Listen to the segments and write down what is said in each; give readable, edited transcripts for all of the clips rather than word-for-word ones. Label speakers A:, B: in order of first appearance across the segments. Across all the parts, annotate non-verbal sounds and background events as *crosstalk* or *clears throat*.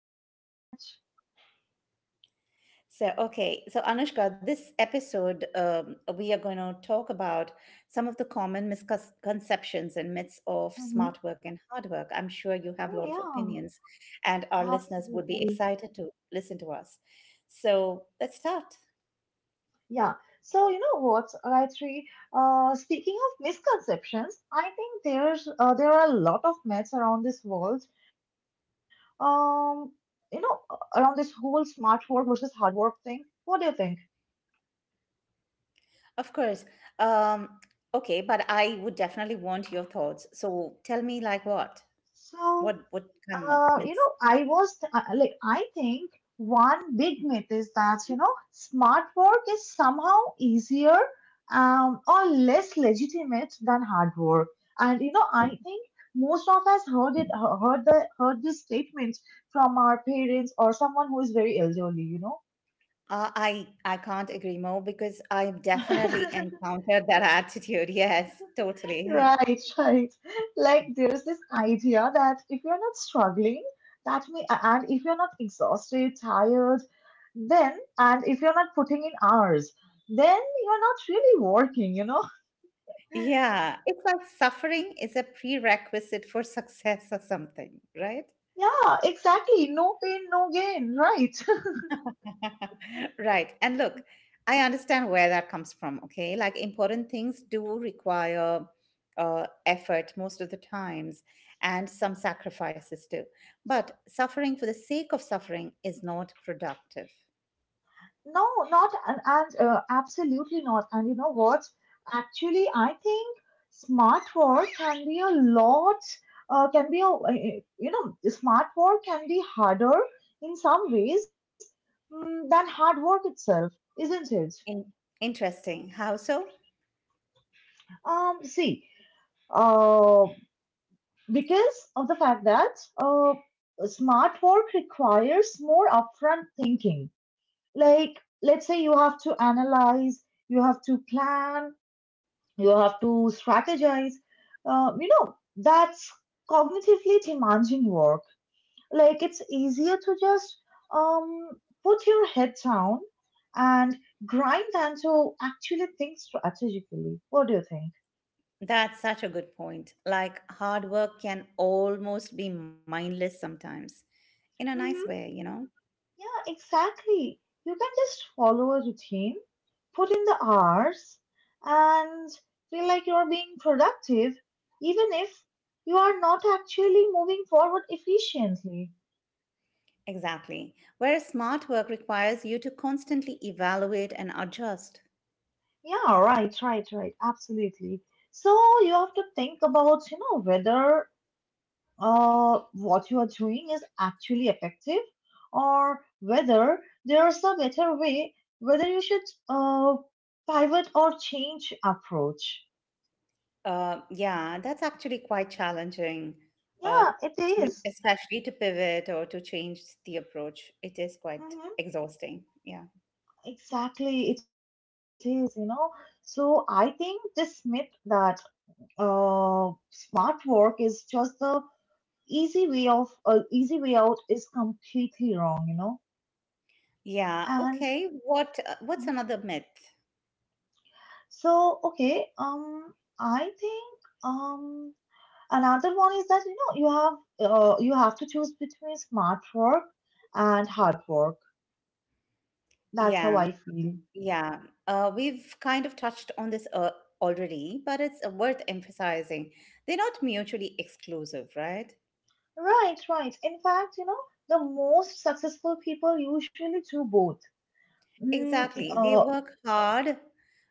A: Thank you so much.
B: So, okay. So, Anushka, this episode, we are going to talk about some of the common misconceptions and myths of
A: hmm
B: smart work and hard work. I'm sure you have a
A: Oh,
B: lot of
A: yeah,
B: opinions, and our listeners would be
A: absolutely.
B: excited to listen to us. So, let's start.
A: Yeah. So, you know what, Gayatri? Speaking of misconceptions, I think there are a lot of myths around this world. Um, you know, Around this whole smart work versus hard work thing. What do you think?
B: Of course. Um, okay, but I would definitely want your thoughts. So, tell me, like, what?
A: So.
B: What kind of myths.
A: I think one big myth is that, you know, smart work is somehow easier, or less legitimate than hard work. And, you know, I think most of us heard it, he- heard the, heard this statement from our parents or someone who is very elderly, you know.
B: I can't agree more because I've definitely
A: *laughs*
B: encountered that *laughs* attitude. Yes, totally.
A: Right, right. Like there's this idea that if you're not struggling, that may, and if you're not exhausted, tired, and if you're not putting in hours, then you're not really working, you know? *laughs*
B: Yeah, it's like suffering is a prerequisite for success or something, right?
A: Yeah, exactly. No pain, no gain, right?
B: *laughs* Right. And look, I understand where that comes from, okay? Like important things do require effort most of the times and some sacrifices too. But suffering for the sake of suffering is not productive.
A: No, not and, and absolutely not. And you know what? Actually, I think smart work can be a lot. Can be a you know Smart work can be harder in some ways, than hard work itself, isn't it?
B: In Interesting. How so?
A: See, uh, because of the fact that smart work requires more upfront thinking. Like, let's say you have to analyze, you have to plan, you have to strategize. You know, that's cognitively demanding work. Like, it's easier to just um, put your head down and grind than to actually think strategically. What do you think?
B: That's such a good point. Like, hard work can almost be mindless sometimes, in a nice way,
A: hmm
B: you know?
A: yeah, exactly. You can just follow a routine, put in the hours, and feel like you're being productive, even if you are not actually moving forward efficiently.
B: Exactly. Whereas smart work requires you to constantly evaluate and adjust.
A: Yeah, right, right, right. Absolutely. So you have to think about, you know, whether what you are doing is actually effective, or whether there's a better way, whether you should uh, pivot or change approach.
B: Yeah, that's actually quite challenging, uh,
A: Yeah, it is.
B: especially to pivot or to change the approach. It is quite
A: Mhm.
B: exhausting. Yeah.
A: Exactly, it is, you know. So I think this myth that smart work is just the easy way out is completely wrong, you know.
B: Yeah.
A: And
B: Okay. What's
A: Mhm.
B: another myth?
A: So okay. I think another one is that, you know, you have to choose between smart work and hard work. That's how
B: Yeah.
A: I feel.
B: Yeah, we've kind of touched on this already, but it's worth emphasizing. They're not mutually exclusive, right?
A: Right, right. In fact, you know, the most successful people usually do both mm,
B: Exactly. They
A: uh,
B: work hard,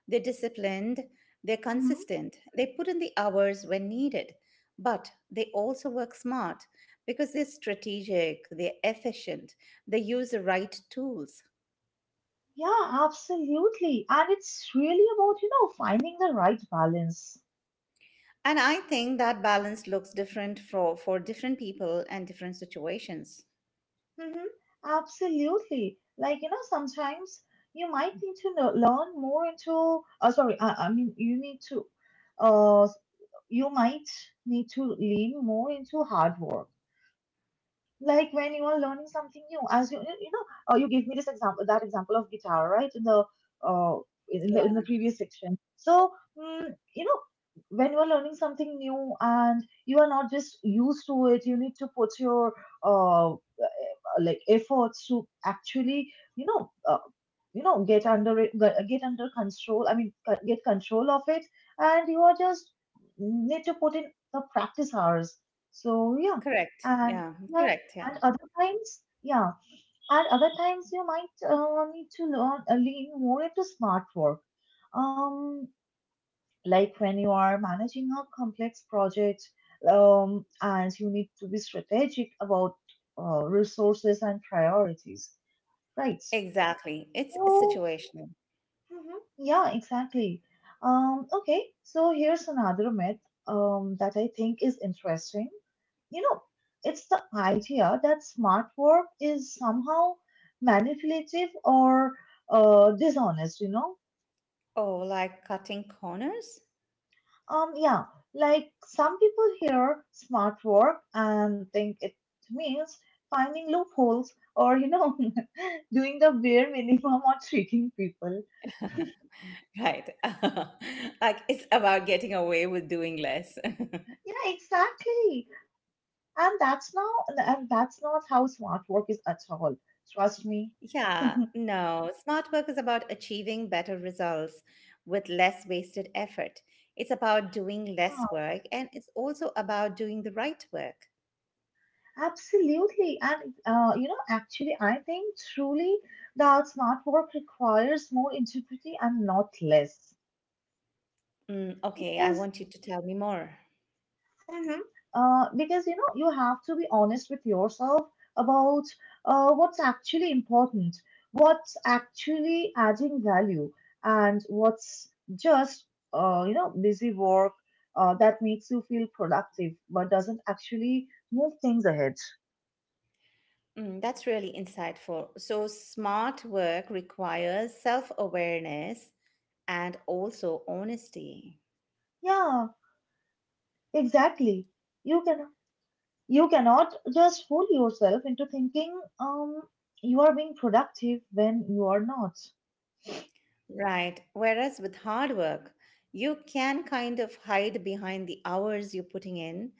B: they're disciplined, they're
A: mhm.
B: consistent, they put in the hours when needed, but they also work smart because they're strategic, they're efficient, they use the right tools.
A: Yeah, absolutely. And it's really about, you know, finding the right balance.
B: And I think that balance looks different for different people and different situations.
A: Mhm. Absolutely. Like, you know, sometimes you might need to know, learn more into, sorry, I mean, you need to, uh, you might need to lean more into hard work. Like when you are learning something new, as you, you you know, you gave me this example, that example of guitar, right? Uh, in the,
B: Yeah.
A: in the previous section. So you know, when you are learning something new and you are not just used to it, you need to put your uh, eh, like efforts to actually, you know, get under it, get under control I mean co- get control of it. And you are just need to put in the practice hours. So yeah.
B: Correct.
A: and
B: Yeah,
A: and
B: correct. Yeah.
A: and other times, yeah, and other times you might need to learn lean more into smart work, um like when you are managing a complex project, and you need to be strategic about resources and priorities, right?
B: Exactly. It's
A: so
B: situational.
A: mhm, yeah, exactly. Okay, so here's another myth, that I think is interesting. You know, it's the idea that smart work is somehow manipulative or dishonest, you know.
B: Oh, like cutting corners?
A: Yeah, like some people hear smart work and think it means finding loopholes, or, you know, *laughs* doing the bare minimum or tricking people.
B: Right. *laughs* Like it's about getting away with doing less. *laughs*
A: Yeah, exactly. And that's not how smart work is at all. Trust me.
B: Yeah, no. Smart work is about achieving better results with less wasted effort. It's about doing
A: Yeah,
B: less work and it's also about doing the right work.
A: absolutely. And, you know, actually, I think truly that smart work requires more integrity, and not less.
B: Mm, okay, I
A: Because
B: want you to tell me more.
A: Mm-hmm. Because you know, you have to be honest with yourself about what's actually important, what's actually adding value, and what's just you know, busy work, that makes you feel productive but doesn't actually move things ahead.
B: Mm, that's really insightful. So, smart work requires self awareness and also honesty.
A: Yeah, exactly. you can you cannot just fool yourself into thinking you are being productive when you are not.
B: Right. Whereas with hard work, you can kind of hide behind the hours you're putting in,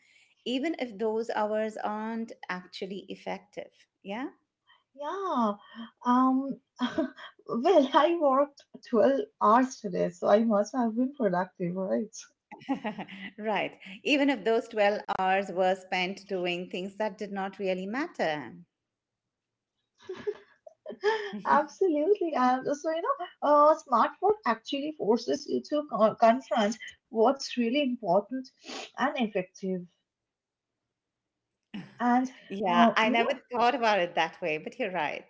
B: even if those hours aren't actually effective. Yeah?
A: Yeah. Um, *laughs* well, I worked 12 hours today, so I must have been productive, right?
B: *laughs* Right. Even if those 12 hours were spent doing things that did not really matter.
A: *laughs*
B: *laughs*
A: Absolutely. So, you know, smart work actually forces you to confront what's really important and effective. And,
B: Yeah, I
A: you
B: never
A: know,
B: thought about it that way, but you're right.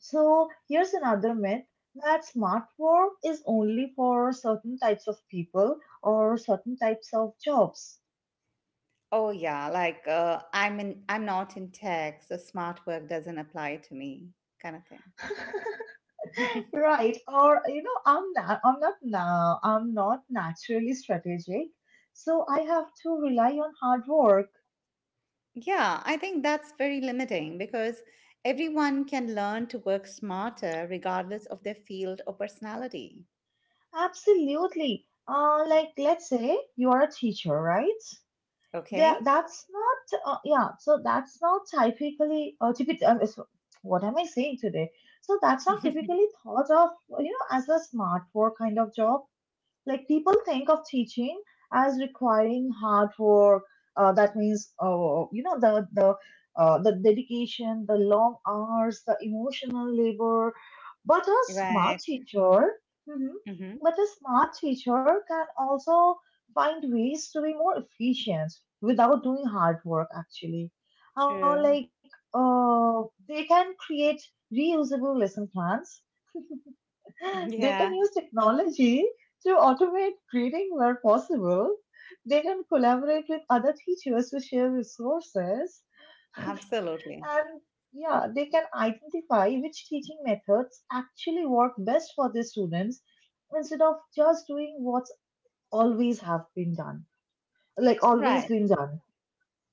A: so here's another myth, that smart work is only for certain types of people or certain types of jobs.
B: Oh yeah, like I'm not in tech, so smart work doesn't apply to me kind of thing.
A: *laughs* Right. Or, you know, I'm not naturally strategic, so I have to rely on hard work.
B: Yeah, I think that's very limiting because everyone can learn to work smarter regardless of their field or personality.
A: Absolutely. Like, let's say you are a teacher, right?
B: Okay?
A: That's not typically, typically, is- what am I saying today? So that's not
B: *laughs*
A: typically thought of, you know, as a smart work kind of job. Like people think of teaching as requiring hard work. That means, you know, the dedication, the long hours, the emotional labor. But a smart
B: Right.
A: teacher, mhm,
B: Mm-hmm.
A: but a smart teacher can also find ways to be more efficient without doing hard work. Actually, uh,
B: True.
A: like uh, they can create reusable lesson plans,
B: *laughs*
A: they can
B: Yeah,
A: use technology to automate grading where possible. They can collaborate with other teachers to share resources.
B: absolutely.
A: And yeah, they can identify which teaching methods actually work best for their students, instead of just doing what's always have been done, always
B: Right.
A: been done.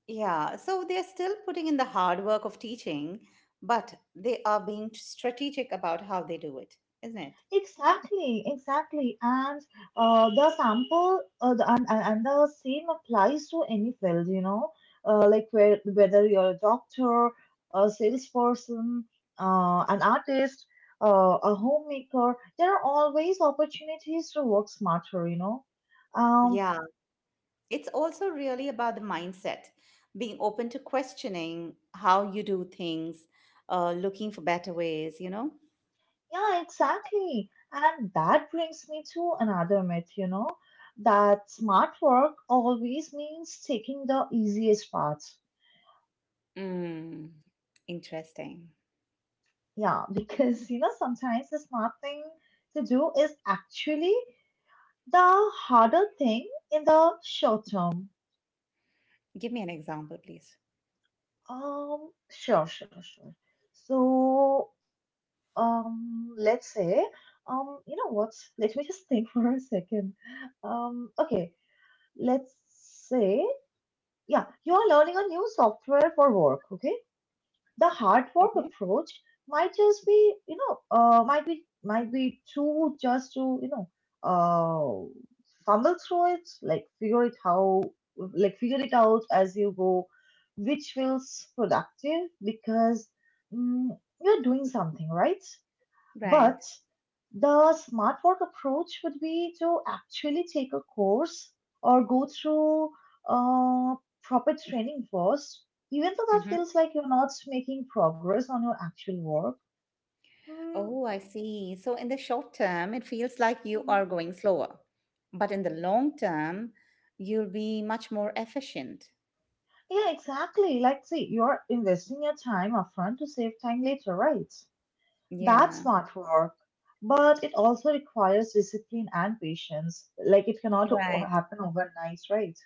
B: Yeah. So they're still putting in the hard work of teaching, but they are being strategic about how they do it, isn't it?
A: Exactly, exactly. And the sample the, and the same applies to any field, you know, whether you're a doctor, a salesperson, an artist, a homemaker, there are always opportunities to work smarter, you know. Um,
B: Yeah. It's also really about the mindset, being open to questioning how you do things, looking for better ways, you know.
A: yeah, exactly, and that brings me to another myth, you know, that smart work always means taking the easiest path.
B: Mm. Interesting.
A: Yeah, *laughs* because you know, sometimes the smart thing to do is actually the harder thing in the short term.
B: Give me an example please.
A: Sure, sure, sure. So, let's say, you know what? Let me just think *laughs* for a second. Okay, let's say, yeah, you are learning a new software for work, okay? The hard work
B: Okay.
A: approach might just be, you know, might be too just to you know, uh, fumble through it, like figure it out as you go, which feels productive because mm, you're doing something, right?
B: Right.
A: But the smart work approach would be to actually take a course or go through uh, proper training first, even though that
B: Hmm.
A: feels like you're not making progress on your actual work. Mm,
B: Oh, I see, so in the short term it feels like you
A: mhm.
B: are going slower, but in the long term you'll be much more efficient.
A: Yeah, exactly. Like, see, you're investing your time upfront to save time later, right? That's
B: Yeah.
A: smart work. But it also requires discipline and patience. Like, it cannot
B: Right.
A: happen overnight, right?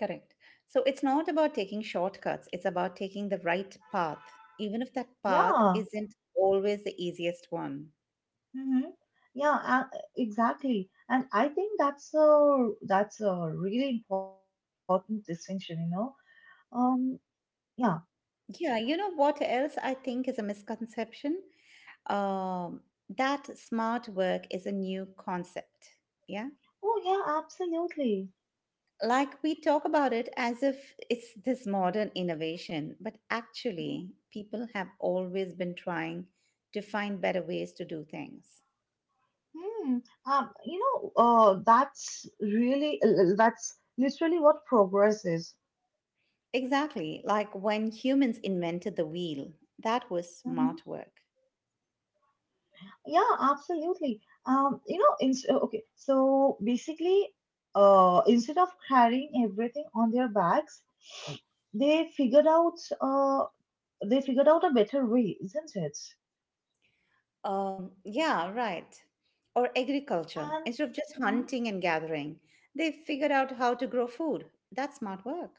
B: Correct. So it's not about taking shortcuts, it's about taking the right path, even if that path
A: Yeah,
B: isn't always the easiest one.
A: Mm-hmm. Yeah, exactly. And I think that's a really important distinction, you know. Um, yeah.
B: Yeah, you know what else I think is a misconception? Um, that smart work is a new concept. Yeah.
A: Oh, yeah, absolutely.
B: Like we talk about it as if it's this modern innovation, but actually, people have always been trying to find better ways to do things.
A: Hmm. You know, that's literally what progress is.
B: Exactly, like when humans invented the wheel, that was
A: hmm
B: smart work.
A: Yeah, absolutely. Um, you know, in, okay, so basically, instead of carrying everything on their backs, they figured out uh, they figured out a better way, isn't it?
B: Yeah, right. Or agriculture,
A: And
B: instead of just hunting and gathering, they figured out how to grow food. That's smart work.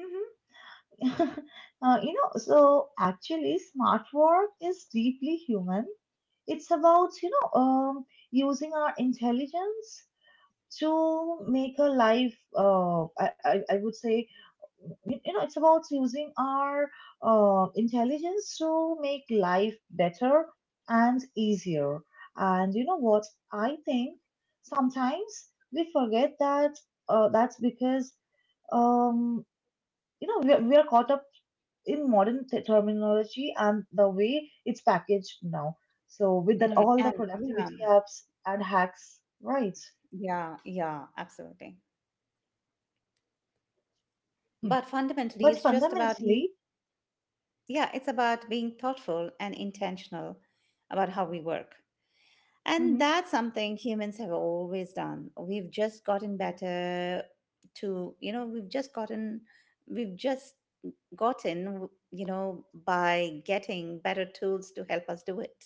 A: Mhm, mhm. *laughs* You know, so actually, smart work is deeply human. It's about, you know, using our intelligence to make a life, I would say, you know it's about using our intelligence to make life better and easier. And you know what, I think sometimes we forget that, that's because, um, you know, we are caught up in modern terminology and the way it's packaged now, so with that,
B: Mm,
A: all the productivity apps and hacks, right?
B: yeah, absolutely.
A: Hmm.
B: But
A: but
B: fundamentally, it's just about
A: fundamentally
B: being, yeah, it's about being thoughtful and intentional about how we work.
A: mm-hmm.
B: And that's something humans have always done. We've just gotten better to, you know, we've just gotten, you know, by getting better tools to help us do it.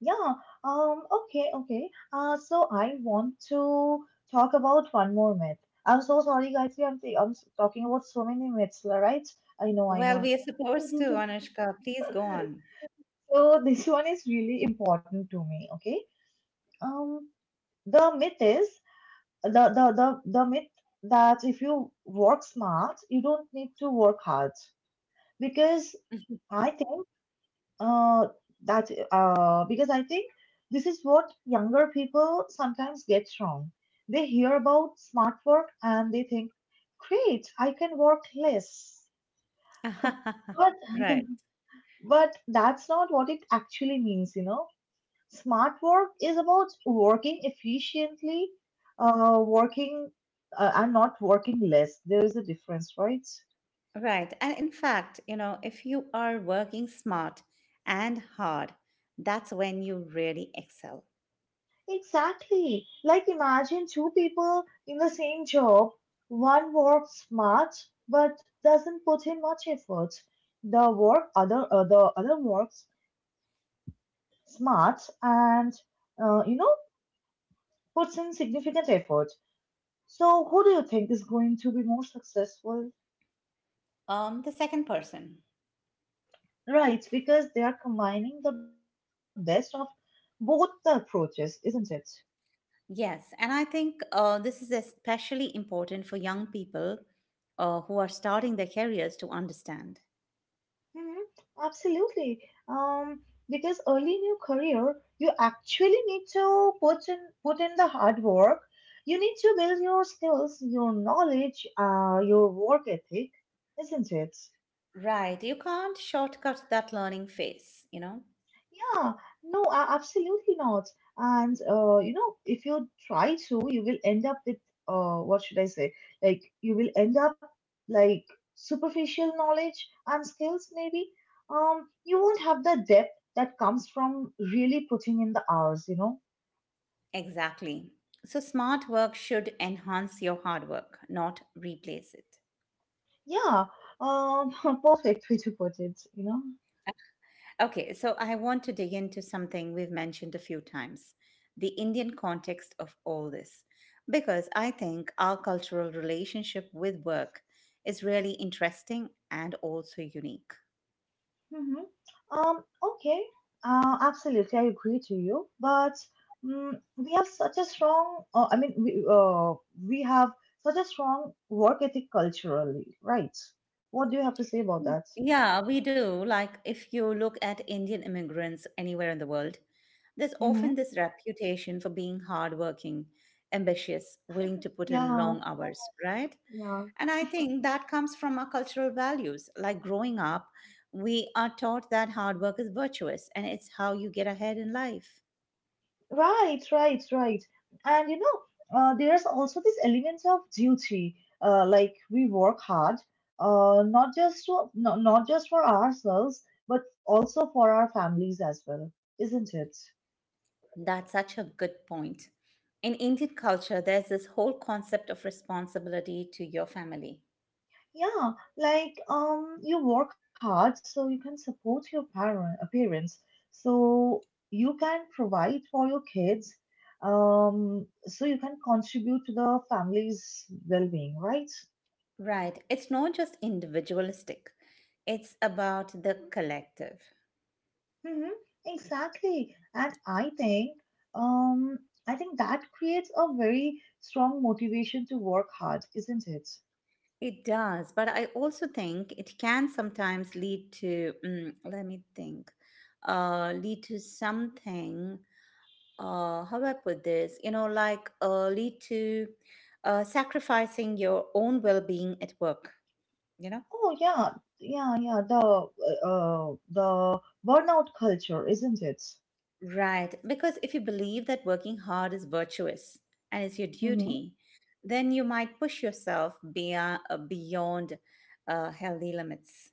A: Yeah, okay, okay. So I want to talk about one more myth. I'm so sorry, guys. Yeah, I'm talking about so many myths, right? I know, I
B: Well,
A: know.
B: we are supposed to,
A: *laughs*
B: Anushka. Please go on.
A: So this one is really important to me, okay? Um, the myth is the myth that if you work smart, you don't need to work hard, because
B: *laughs*
A: I think Uh, that uh, because I think this is what younger people sometimes get wrong. They hear about smart work and they think, "Great, I can work less." But
B: *laughs* Right.
A: that's not what it actually means, you know. Smart work is about working efficiently, working and not working less. There is a difference, right?
B: Right. And in fact, you know, if you are working smart and hard, that's when you really excel.
A: Exactly. Like imagine two people in the same job. One works smart but doesn't put in much effort. The other works smart and you know, puts in significant effort. So who do you think is going to be more successful?
B: The second person.
A: Right, because they are combining the best of both the approaches, isn't it?
B: Yes. And I think this is especially important for young people who are starting their careers to understand.
A: Mhm. Absolutely. Um, because early in your career, you actually need to put in the hard work. You need to build your skills, your knowledge, your work ethic, isn't it?
B: Right. You can't shortcut that learning phase, you know?
A: Yeah, no, absolutely not. And you know, if you try to, you will end up with what should I say? Like you will end up like superficial knowledge and skills, maybe. You won't have the depth that comes from really putting in the hours.
B: Exactly. So, smart work should enhance your hard work, not replace it.
A: Yeah, *laughs* perfect way to put it.
B: Okay, so I want to dig into something we've mentioned a few times, the Indian context of all this, because I think our cultural relationship with work is really interesting and also unique.
A: Mm-hmm. Okay. Absolutely, I agree to you. But we have such a strong, I mean, we have such a strong work ethic culturally, right? What do you have to say about
B: Yeah.
A: that?
B: Yeah, we do. Like, if you look at Indian immigrants anywhere in the world, there's often
A: Mm-hmm.
B: this reputation for being hardworking, ambitious, willing to put in
A: Yeah,
B: long hours, right?
A: yeah.
B: And I think that comes from our cultural values. Like growing up, we are taught that hard work is virtuous and it's how you get ahead in life.
A: Right, right, right. And you know, there's also this element of duty. Like we work hard, not just to, not just for ourselves, but also for our families as well, isn't it?
B: That's such a good point. In Indian culture, there's this whole concept of responsibility to your family.
A: Yeah, like you work hard so you can support your parents, so you can provide for your kids, so you can contribute to the family's well-being, right?
B: Right. It's not just individualistic, it's about the collective.
A: Mm-hmm. Exactly, and um, I think that creates a very strong motivation to work hard, isn't it?
B: It does, but I also think it can sometimes lead to, mm, let me think, lead to something, how do I put this? You know, like lead to sacrificing your own well being at work, you know?
A: Oh yeah, yeah, yeah. The burnout culture, isn't it?
B: Right. Because if you believe that working hard is virtuous and it's your duty, then you might push yourself beyond healthy limits.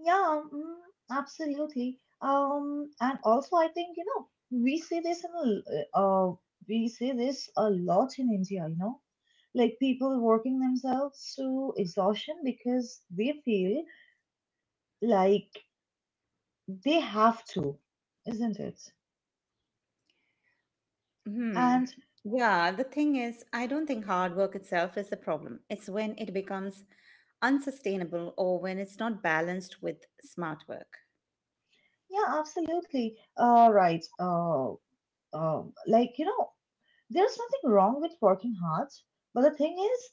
A: Yeah, absolutely. And also, I think, you know, we see this in we see this a lot in India, you know, like people working themselves to exhaustion because they feel like they have to, isn't it?
B: Hmm.
A: And
B: Yeah, the thing is, I don't think hard work itself is the problem. It's when it becomes unsustainable or when it's not balanced with smart work.
A: yeah, absolutely. Right. Like, you know, there's nothing wrong with working hard, but the thing is,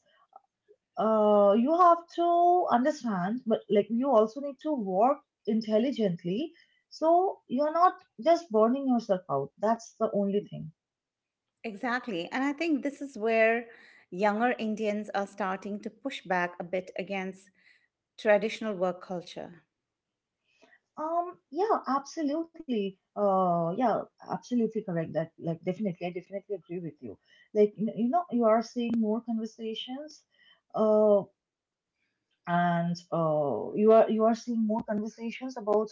A: you have to understand, but like you also need to work intelligently. So you're not just burning yourself out. That's the only thing.
B: Exactly. And I think this is where younger Indians are starting to push back a bit against traditional work culture.
A: Yeah, absolutely. Yeah, absolutely correct. That like definitely, I definitely agree with you. Like you know, you are seeing more conversations, uh, and you are seeing more conversations about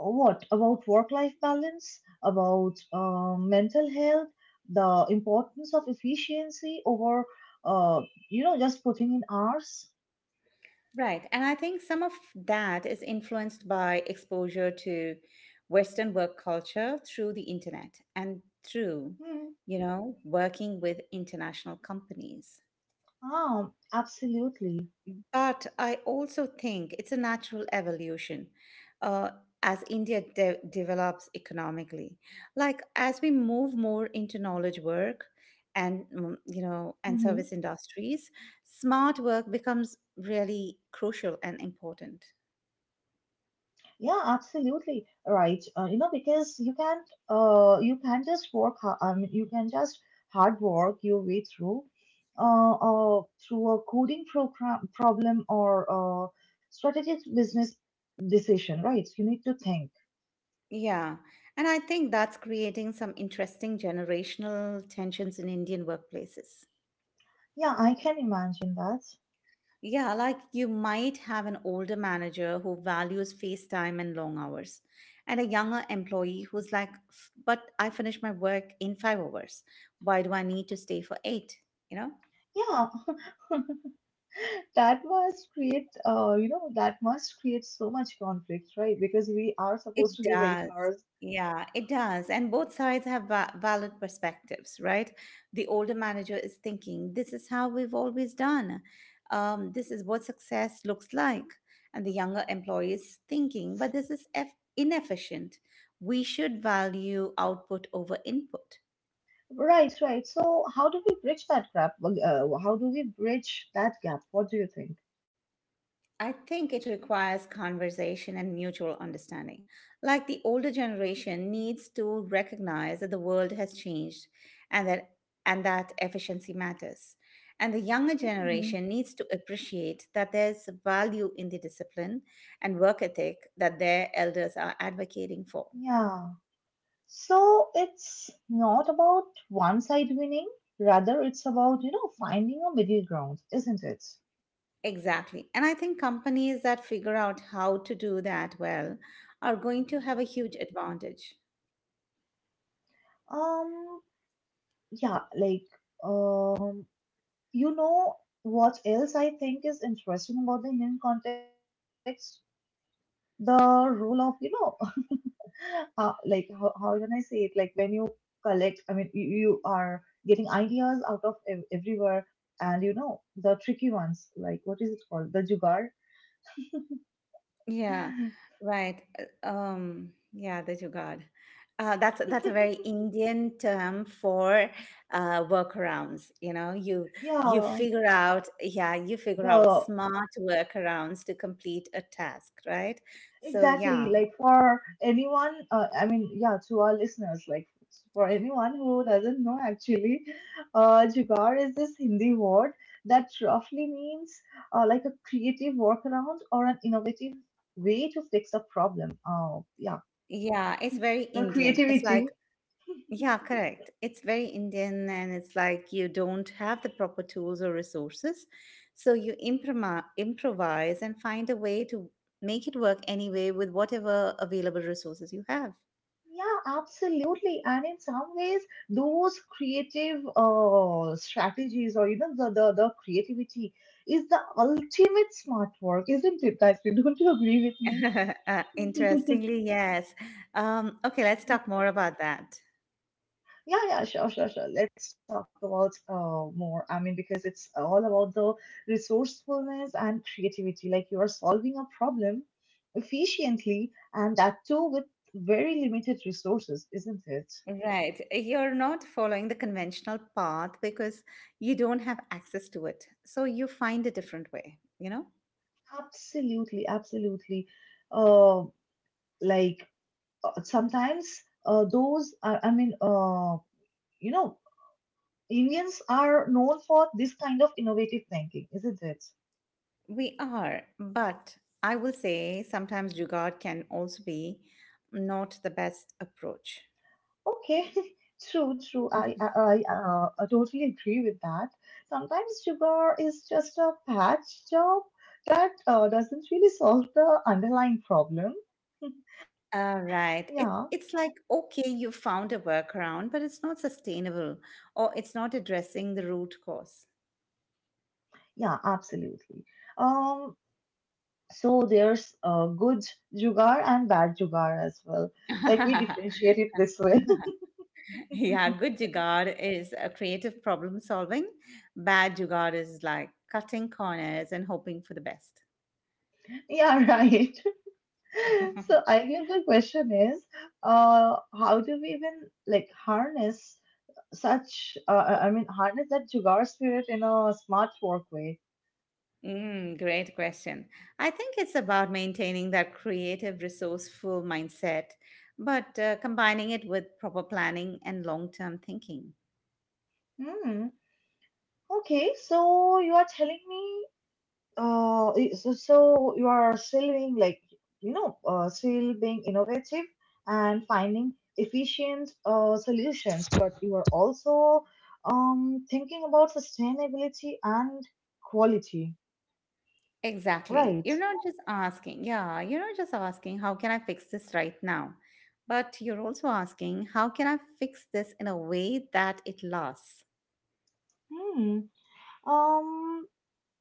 A: What about work life balance about mental health, the importance of efficiency over uh, you know, just putting in hours.
B: Right. And I think some of that is influenced by exposure to Western work culture through the internet and through,
A: Hmm.
B: you know, working with international companies.
A: Ah, absolutely.
B: But I also think it's a natural evolution uh, as India develops economically. Like as we move more into knowledge work and
A: Hmm,
B: and service industries, smart work becomes really crucial and important.
A: yeah, absolutely right. You know, because you can't just work I mean, you can just hard work your way through through a coding program problem or uh, strategic business decision, right? You need to think.
B: Yeah, and I think that's creating some interesting generational tensions in Indian workplaces.
A: Yeah, I can imagine that.
B: Yeah, like you might have an older manager who values face time and long hours, and a younger employee who's like, " but I finish my work in 5 hours. Why do I need to stay for eight? You know?
A: Yeah, that must create, you know, that must create so much conflict, right? Because we are
B: It
A: supposed to give eight
B: does.
A: hours.
B: Yeah, it does. And both sides have valid perspectives, right? The older manager is thinking, this is how we've always done. This is what success looks like. And the younger employee is thinking, but this is eff inefficient. We should value output over input.
A: Right, right. So how do we bridge that gap? Well, how do we bridge that gap? What do you think?
B: I think it requires conversation and mutual understanding. Like the older generation needs to recognize that the world has changed and that and that efficiency matters. And the younger
A: Hmm.
B: generation needs to appreciate that there's value in the discipline and work ethic that their elders are advocating for.
A: Yeah. So it's not about one side winning, rather it's about, you know, finding a middle ground, isn't it?
B: Exactly. And I think companies that figure out how to do that well are going to have a huge advantage.
A: Um, yeah, like, um, you know what else I think is interesting about the Indian context? The role of, you know, *laughs* like how can I say it? Like when you I mean, you are getting ideas out of everywhere, and you know the tricky ones. Like what is it called? The jugaad.
B: Yeah,
A: *laughs*
B: right. Yeah, the jugaad. That's a very Indian term for workarounds. You know,
A: Yeah,
B: yeah, you figure out
A: the
B: smart workarounds to complete a task, right? So
A: Exactly.
B: yeah,
A: Like for anyone, I mean, yeah, to our listeners, like for anyone who doesn't know, actually, jugaad is this Hindi word that roughly means like a creative workaround or an innovative way to fix a problem. Oh, yeah,
B: yeah, it's very
A: the
B: Indian. It's like,
A: creativity.
B: yeah, correct. It's very Indian, and it's like you don't have the proper tools or resources. So you improvise and find a way to make it work anyway with whatever available resources you have.
A: Yeah, absolutely. And in some ways, those creative strategies or even the creativity is the ultimate smart work, isn't it, guys? *laughs* Don't you agree with
B: *laughs*
A: me? *laughs*
B: Interestingly, yes. Okay, let's talk more about that.
A: Yeah, yeah, sure, sure, sure. Let's talk about more. I mean, because it's all about the resourcefulness and creativity. Like you are solving a problem efficiently, and that too with very limited resources, isn't it?
B: Right. You're not following the conventional path because you don't have access to it. So you find a different way, you know?
A: Absolutely, absolutely. Uh, like sometimes those are, I mean, you know, Indians are known for this kind of innovative thinking, isn't it?
B: We are, but I will say sometimes jugaad can also be not the best approach.
A: Okay, *laughs* true, true. I totally agree with that. Sometimes sugar is just a patch job that doesn't really solve the underlying problem.
B: All
A: Yeah,
B: right. It's like, okay, you found a workaround, but it's not sustainable or it's not addressing the root cause.
A: yeah, absolutely. Um, So there's good jugar and bad jugar as well. Like we
B: *laughs*
A: differentiate it this way.
B: Yeah,
A: *laughs*
B: good jugaad is a creative problem solving. Bad jugaad is like cutting corners and hoping for the best.
A: Yeah, right. *laughs* So
B: *laughs*
A: I guess the question is, how do we even like harness such, I mean, harness that jugar spirit in a smart work way?
B: Mm, great question. I think it's about maintaining that creative, resourceful mindset, but combining it with proper planning and long term thinking.
A: Hmm. Okay, so you are telling me so, so you are still being like, you know, still being innovative and finding efficient solutions, but you are also thinking about sustainability and quality,
B: Exactly.
A: right?
B: You're not just asking, yeah, you're not just asking, how can I fix this right now? But you're also asking, how can I fix this in a way that it lasts?
A: Hmm. Um.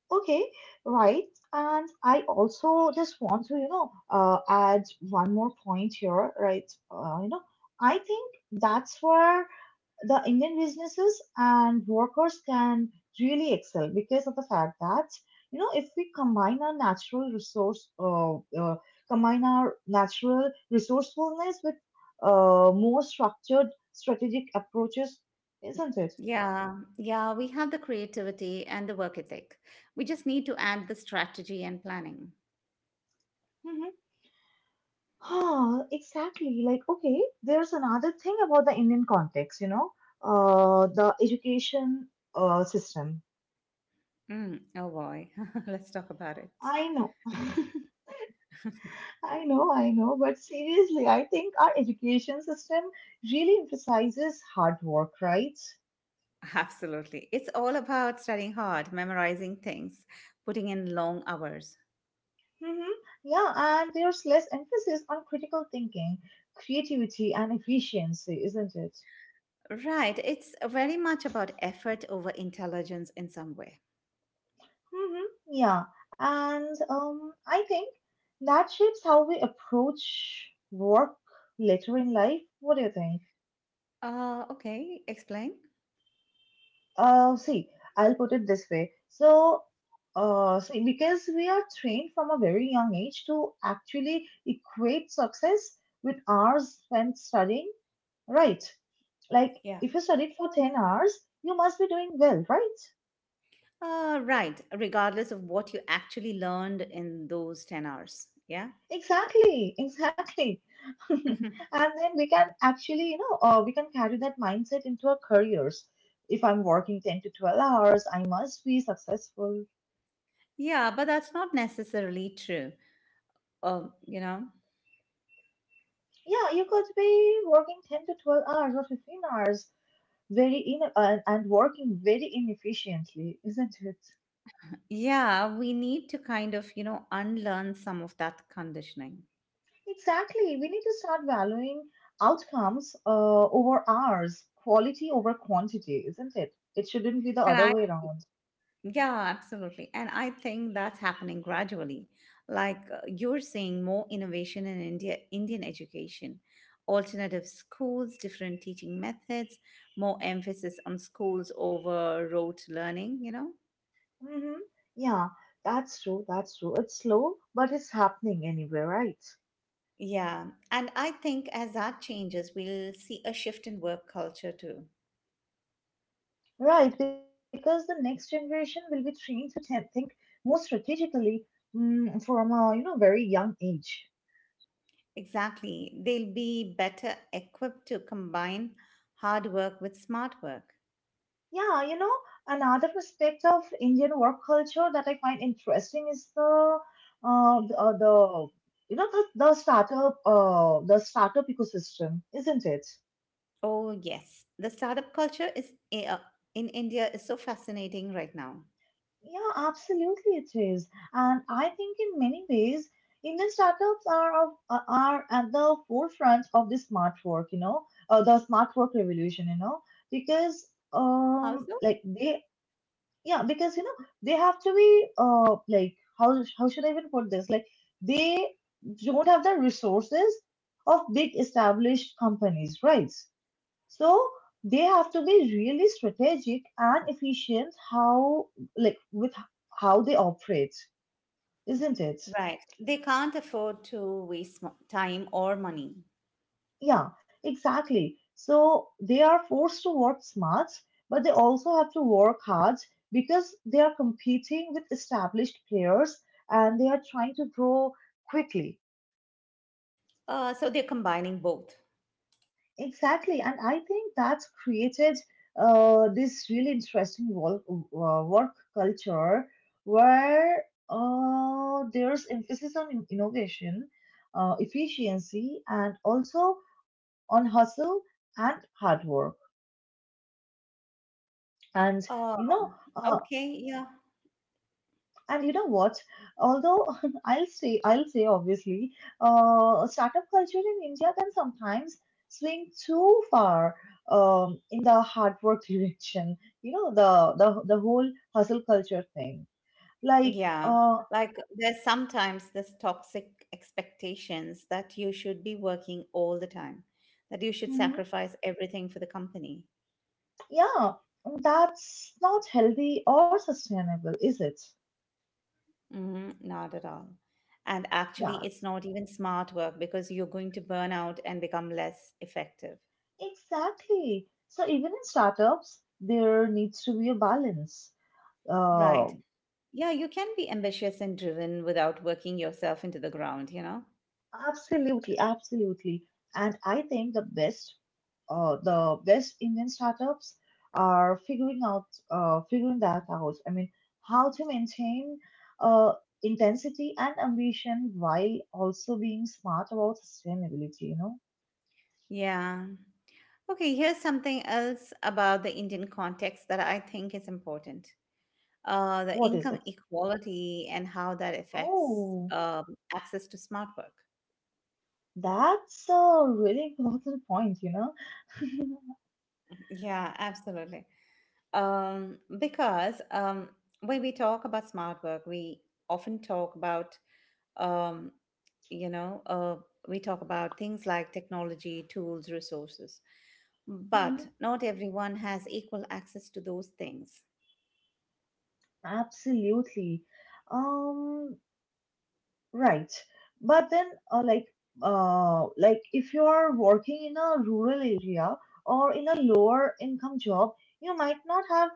A: Okay. Right. And I also just want to, you know, add one more point here, right? You know, I think that's where the Indian businesses and workers can really excel because of the fact that you know, if we combine our natural resource combine our natural resourcefulness with more structured strategic approaches, isn't it?
B: Yeah, yeah, we have the creativity and the work ethic. We just need to add the strategy and planning.
A: Mm-hmm. Ah, exactly. Like okay, there's another thing about the Indian context, you know, the education system.
B: Mm, oh boy, *laughs* let's talk about it.
A: I know. *laughs* I know, but seriously, I think our education system really emphasizes hard work, right?
B: Absolutely. It's all about studying hard, memorizing things, putting in long hours.
A: Mm-hmm. Yeah, and there's less emphasis on critical thinking, creativity, and efficiency, isn't it?
B: Right. It's very much about effort over intelligence in some way.
A: Mm-hmm. Yeah, and I think that shapes how we approach work later in life. What do you think?
B: Okay. Explain.
A: See, I'll put it this way. So, see, because we are trained from a very young age to actually equate success with hours spent studying, right? Like,
B: Yeah.
A: if you studied for 10 hours, you must be doing well, right?
B: Right. Regardless of what you actually learned in those 10 hours. Yeah.
A: Exactly, exactly. *laughs* And
B: *laughs*
A: then we can actually, you know, we can carry that mindset into our careers. If I'm working 10 to 12 hours, I must be successful.
B: yeah. But that's not necessarily true. Um, you know,
A: Yeah, you could be working 10 to 12 hours or 15 hours very in and working very inefficiently, isn't it?
B: yeah, we need to kind of, unlearn some of that conditioning.
A: Exactly. We need to start valuing outcomes over hours, quality over quantity, isn't it? It shouldn't be the other
B: And
A: way around.
B: yeah, absolutely. And I think that's happening gradually. Like you're seeing more innovation in India, Indian education, alternative schools, different teaching methods, more emphasis on schools over rote learning.
A: Mm-hmm. Yeah, that's true. That's true. It's slow, but it's happening anyway, right?
B: Yeah. And I think as that changes, we'll see a shift in work culture too.
A: Right, because the next generation will be trained to think more strategically, from a you know very young age.
B: Exactly. They'll be better equipped to combine hard work with smart work.
A: Yeah, you know, another aspect of Indian work culture that I find interesting is the the you know the startup ecosystem, isn't it?
B: Oh, yes. The startup culture is in India is so fascinating right now.
A: Yeah, absolutely it is. And I think in many ways, Indian startups are are at the forefront of the smart work, you know, the smart work revolution, you know, because
B: How so?
A: like they yeah because you know they have to be like how should I even put this, like they don't have the resources of big established companies, right? So they have to be really strategic and efficient, how like with how they operate, isn't it?
B: Right. They can't afford to waste time or money.
A: Yeah, exactly. So they are forced to work smart, but they also have to work hard because they are competing with established players and they are trying to grow quickly.
B: So they're combining both.
A: Exactly. And I think that's created this really interesting work culture where there's emphasis on innovation, efficiency, and also on hustle and hard work. and you
B: Oh,
A: know uh,
B: okay. Yeah.
A: and you know what, although *laughs* I'll say obviously startup culture in India can sometimes swing too far in the hard work *laughs* direction, you know the, whole hustle culture thing, like
B: Yeah. Like there's sometimes this toxic expectations that you should be working all the time, that you should
A: mhm,
B: sacrifice everything for the company.
A: yeah, that's not healthy or sustainable, is it?
B: Hmm, not at all. And actually,
A: Yeah,
B: it's not even smart work because you're going to burn out and become less effective.
A: exactly, so even in startups there needs to be a balance. Uh,
B: Right. Yeah, you can be ambitious and driven without working yourself into the ground.
A: Absolutely, absolutely. And I think the best Indian startups are figuring out, figuring that out. I mean, how to maintain uh, intensity and ambition while also being smart about sustainability, you know?
B: Yeah. Okay, here's something else about the Indian context that I think is important. The
A: What is
B: income
A: it?
B: equality and how that affects
A: Oh,
B: access to smart work.
A: that's a really important point, you know? *laughs*
B: Yeah, absolutely. Because when we talk about smart work, we often talk about, um, you know, uh, we talk about things like technology, tools, resources,
A: Mhm.
B: but not everyone has equal access to those things.
A: Absolutely. Um, Right. But then, like if you are working in a rural area or in a lower income job, you might not have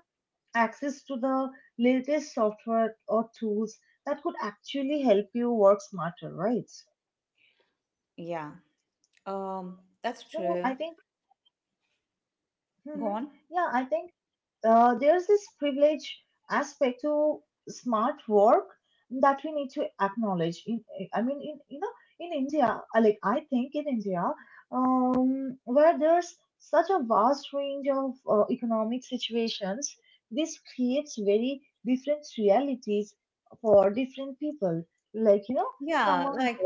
A: access to the latest software or tools that could actually help you work smarter, right?
B: Yeah, um,
A: So I
B: that's
A: think,
B: true.
A: hmm,
B: Go on.
A: yeah, I think there's this privilege aspect to smart work that we need to acknowledge in, I mean, in you know, in India, like I think in India, where there's such a vast range of economic situations, this creates very different realities for different people, like you know,
B: Yeah,
A: someone
B: like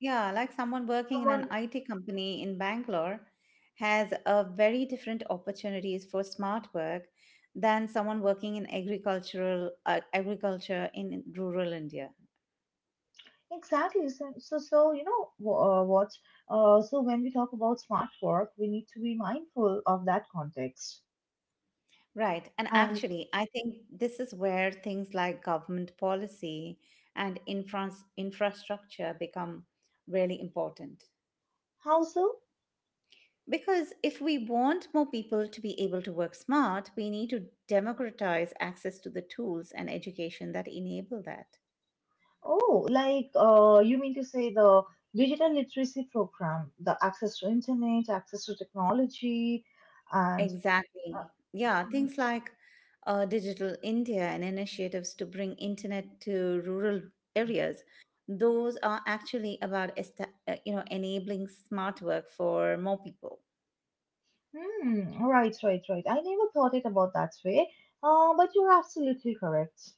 B: Yeah, like someone working in an
A: someone
B: IT company in Bangalore has a very different opportunities for smart work than someone working in agricultural agriculture in rural India.
A: Exactly. So, so, so you know what? So when we talk about smart work, we need to be mindful of that context.
B: Right. And
A: And
B: actually, I think this is where things like government policy and infrastructure become really important.
A: how so?
B: Because if we want more people to be able to work smart, we need to democratize access to the tools and education that enable that.
A: Oh, like you mean to say the digital literacy program, the access to internet, access to technology, and uh,
B: Exactly. Yeah,
A: mhm.
B: things like Digital India and initiatives to bring internet to rural areas. Those are actually about enabling smart work for more people.
A: Hmm, right, right, right. I never thought it about that way. But you're absolutely correct.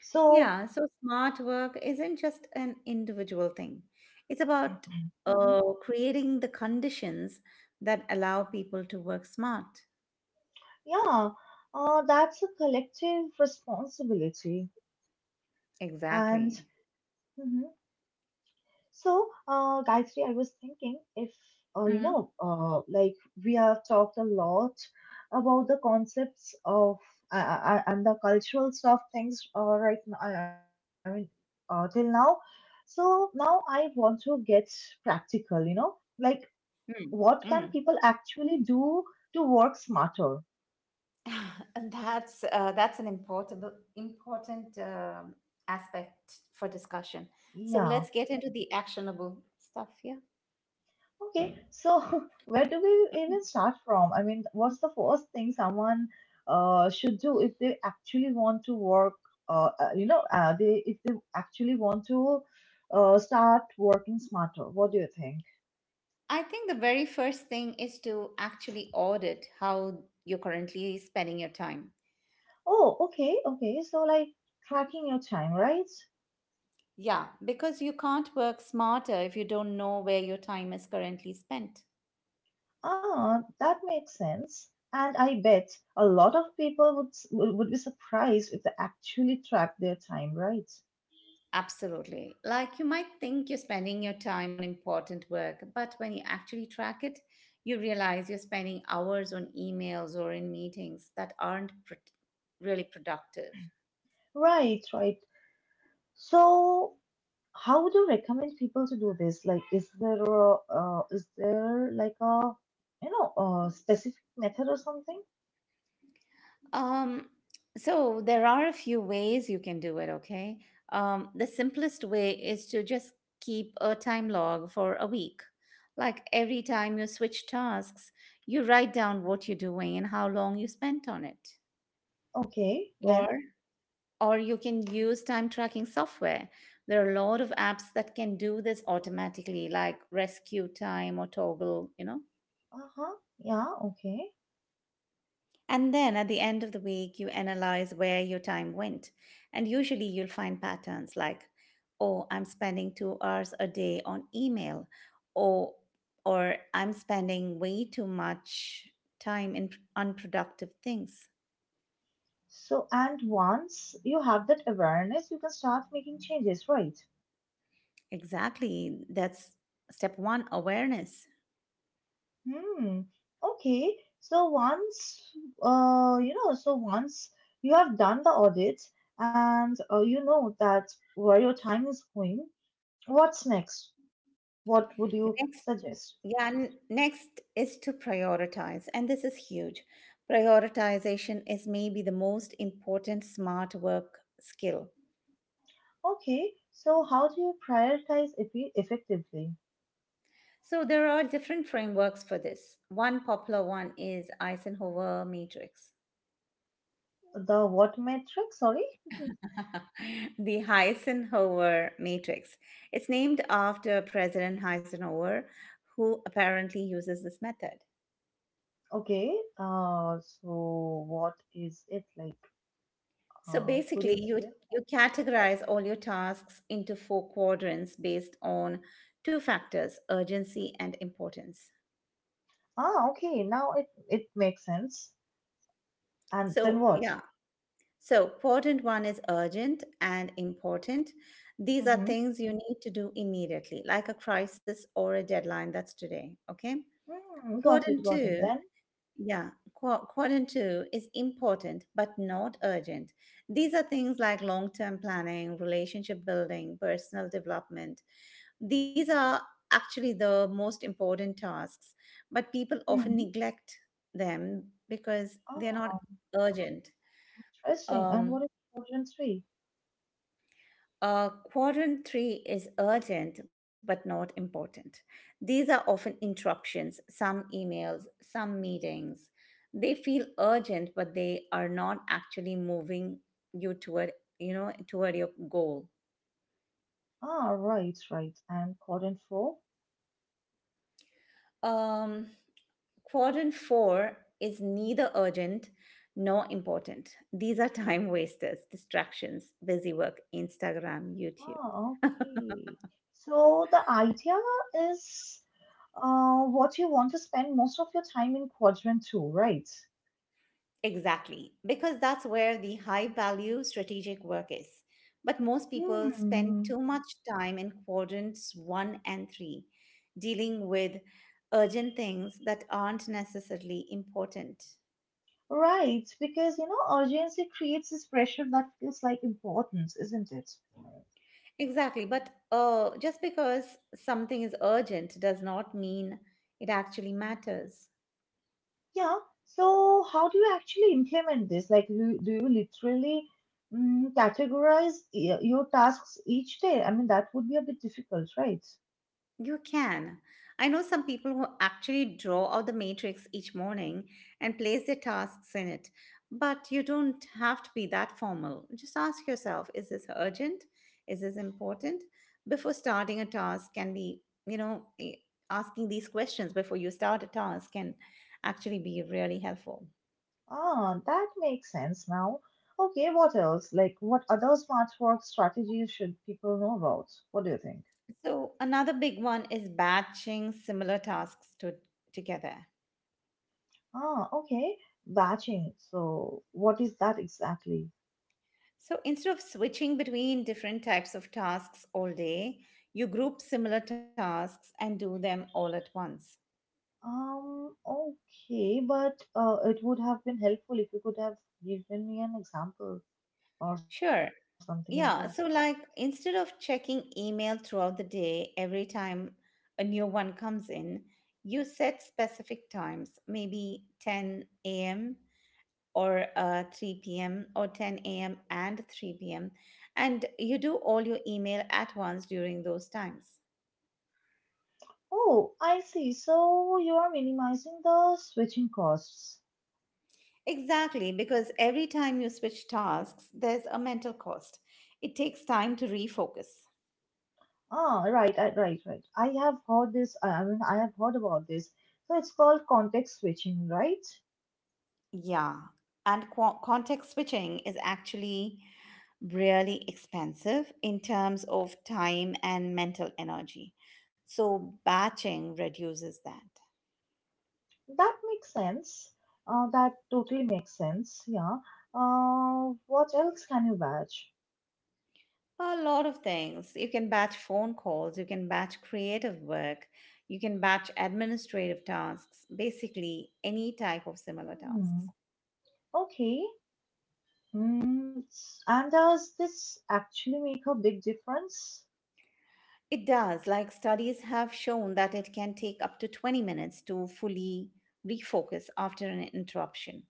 A: So,
B: Yeah, so smart work isn't just an individual thing. It's about
A: mhm.
B: creating the conditions that allow people to work smart.
A: Yeah, that's a collective responsibility. And
B: Exactly.
A: mhm. So, Gayatri, I was thinking if, like we have talked a lot about the concepts of and the cultural stuff things right now, I mean, till now. So now I want to get practical, you know, like what can
B: Mm-hmm.
A: people actually do to work smarter?
B: *laughs* And that's an important important aspect for discussion. So
A: Yeah.
B: let's get into the actionable stuff here.
A: Okay, so *laughs* where do we
B: Mhm.
A: even start from? I mean, what's the first thing someone should do if they actually want to work? They if they actually want to start working smarter. What do you think?
B: I think the very first thing is to actually audit how you're currently spending your time.
A: Oh, okay, okay. So like tracking your time, right?
B: Yeah, because you can't work smarter if you don't know where your time is currently spent.
A: Ah, that makes sense. And I bet a lot of people would be surprised if they actually track their time, right?
B: Absolutely. Like you might think you're spending your time on important work, but when you actually track it, you realize you're spending hours on emails or in meetings that aren't pro- really productive.
A: Right, right. So, how would you recommend people to do this? Like, is there a, is there like a, you know, a specific method or something?
B: Um, so there are a few ways you can do it, okay? The simplest way is to just keep a time log for a week. Like every time you switch tasks, you write down what you're doing and how long you spent on it.
A: Okay, then,
B: Or or you can use time tracking software. There are a lot of apps that can do this automatically, like Rescue Time or Toggle.
A: uh-huh, yeah, okay.
B: And then at the end of the week, you analyze where your time went. And usually you'll find patterns like, oh, I'm spending 2 hours a day on email, or, or I'm spending way too much time in unproductive things.
A: So, and once you have that awareness, you can start making changes, right?
B: Exactly. That's step one awareness.
A: Hmm. Okay. So once, so once you have done the audit and you know that where your time is going, what's next? What would you
B: Next,
A: suggest?
B: next is to prioritize. And this is huge. Prioritization is maybe the most important smart work skill.
A: Okay, so how do you effectively?
B: So there are different frameworks for this. One popular one is Eisenhower matrix.
A: The what metric? Sorry.
B: *laughs* the Eisenhower matrix. It's named after President Eisenhower, who apparently uses this method.
A: Okay. So what is it like?
B: So
A: Could you
B: basically, you
A: explain?
B: you categorize all your tasks into four quadrants based on two factors, urgency and importance.
A: Ah, okay. Now it makes sense. And then
B: So,
A: what?
B: yeah, So, important one is urgent and important. These are
A: Mm-hmm.
B: things you need to do immediately, like a crisis or a deadline. That's today. Okay.
A: Mm, got
B: Quadrant
A: it. Got it.
B: two,
A: Then.
B: quadrant two is important but not urgent. These are things like long term planning, relationship building, personal development. These are actually the most important tasks, but people often
A: Hmm.
B: neglect them because they're not
A: Ah,
B: urgent.
A: interesting. And what is
B: Um,
A: quadrant three?
B: Uh, quadrant three is urgent but not important. These are often interruptions, some emails, some meetings. They feel urgent, but they are not actually moving you toward toward your goal.
A: Ah, right, right. And quadrant four?
B: Um, quadrant four is neither urgent nor important. These are time wasters, distractions, busy work, Instagram, YouTube.
A: Oh, okay. So the idea is what you want to spend most of your time in quadrant two, right?
B: Exactly, because that's where the high value strategic work is. But most people spend
A: Hmm.
B: too much time in quadrants one and three, dealing with urgent things that aren't necessarily important.
A: Right, because you know, urgency creates this pressure that feels like importance, isn't it?
B: Exactly, but just because something is urgent does not mean it actually matters.
A: Yeah. So how do you actually implement this? Like, do you literally mm, your tasks each day? I mean, that would be a bit difficult, right?
B: You can. I know some people who actually draw out the matrix each morning and place their tasks in it. But you don't have to be that formal. Just ask yourself, is this urgent? Is this important? Before starting a task, can be, you know, eh, asking these questions before you start a task can actually be really helpful.
A: Ah, that makes sense now. Okay, what else? Like, what other smart work strategies should people know about? What do you think?
B: So, another big one is batching similar tasks together.
A: Ah, okay. Batching. So, what is that exactly?
B: So instead of switching between different types of tasks all day, you group similar tasks and do them all at once.
A: Okay, but it would have been helpful if you could have given me an example or something
B: Sure.
A: like that.
B: Yeah. So, like, instead of checking email throughout the day every time a new one comes in, you set specific times, maybe 10 a.m. or 3 p.m. or 10 a.m. and 3 p.m. And you do all your email at once during those times.
A: Oh, I see. So, you are minimizing the switching costs.
B: Exactly, because every time you switch tasks, there's a mental cost. It takes time to refocus.
A: Ah, right, right. I have heard this. I mean, I have heard about this. So it's called context switching, right?
B: Yeah, and context switching is actually really expensive in terms of time and mental energy. So, batching reduces that.
A: That makes sense. That totally makes sense. Yeah. What else can you batch?
B: A lot of things. You can batch phone calls, you can batch creative work, you can batch administrative tasks, basically, any type of similar
A: Hmm.
B: tasks.
A: Okay. And does this actually make a big difference?
B: It does. Like studies have shown that it can take up to 20 minutes to fully refocus after an interruption,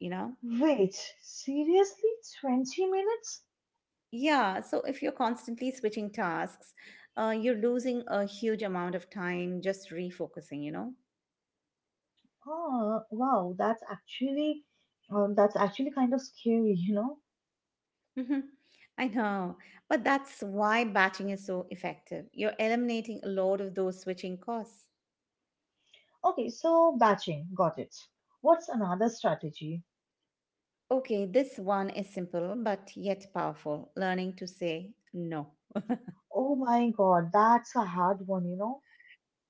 B: you know?
A: Wait, seriously? 20 minutes?
B: Yeah, so if you're constantly switching tasks, you're losing a huge amount of time just refocusing,
A: Oh, wow. That's actually kind of scary, *laughs* you know?
B: Mhm. I know. But that's why batching is so effective. You're eliminating a lot of those switching costs.
A: Okay, so batching, got it. What's another strategy?
B: Okay, this one is simple but yet powerful, learning to say no.
A: Oh my god, that's a hard one, you know.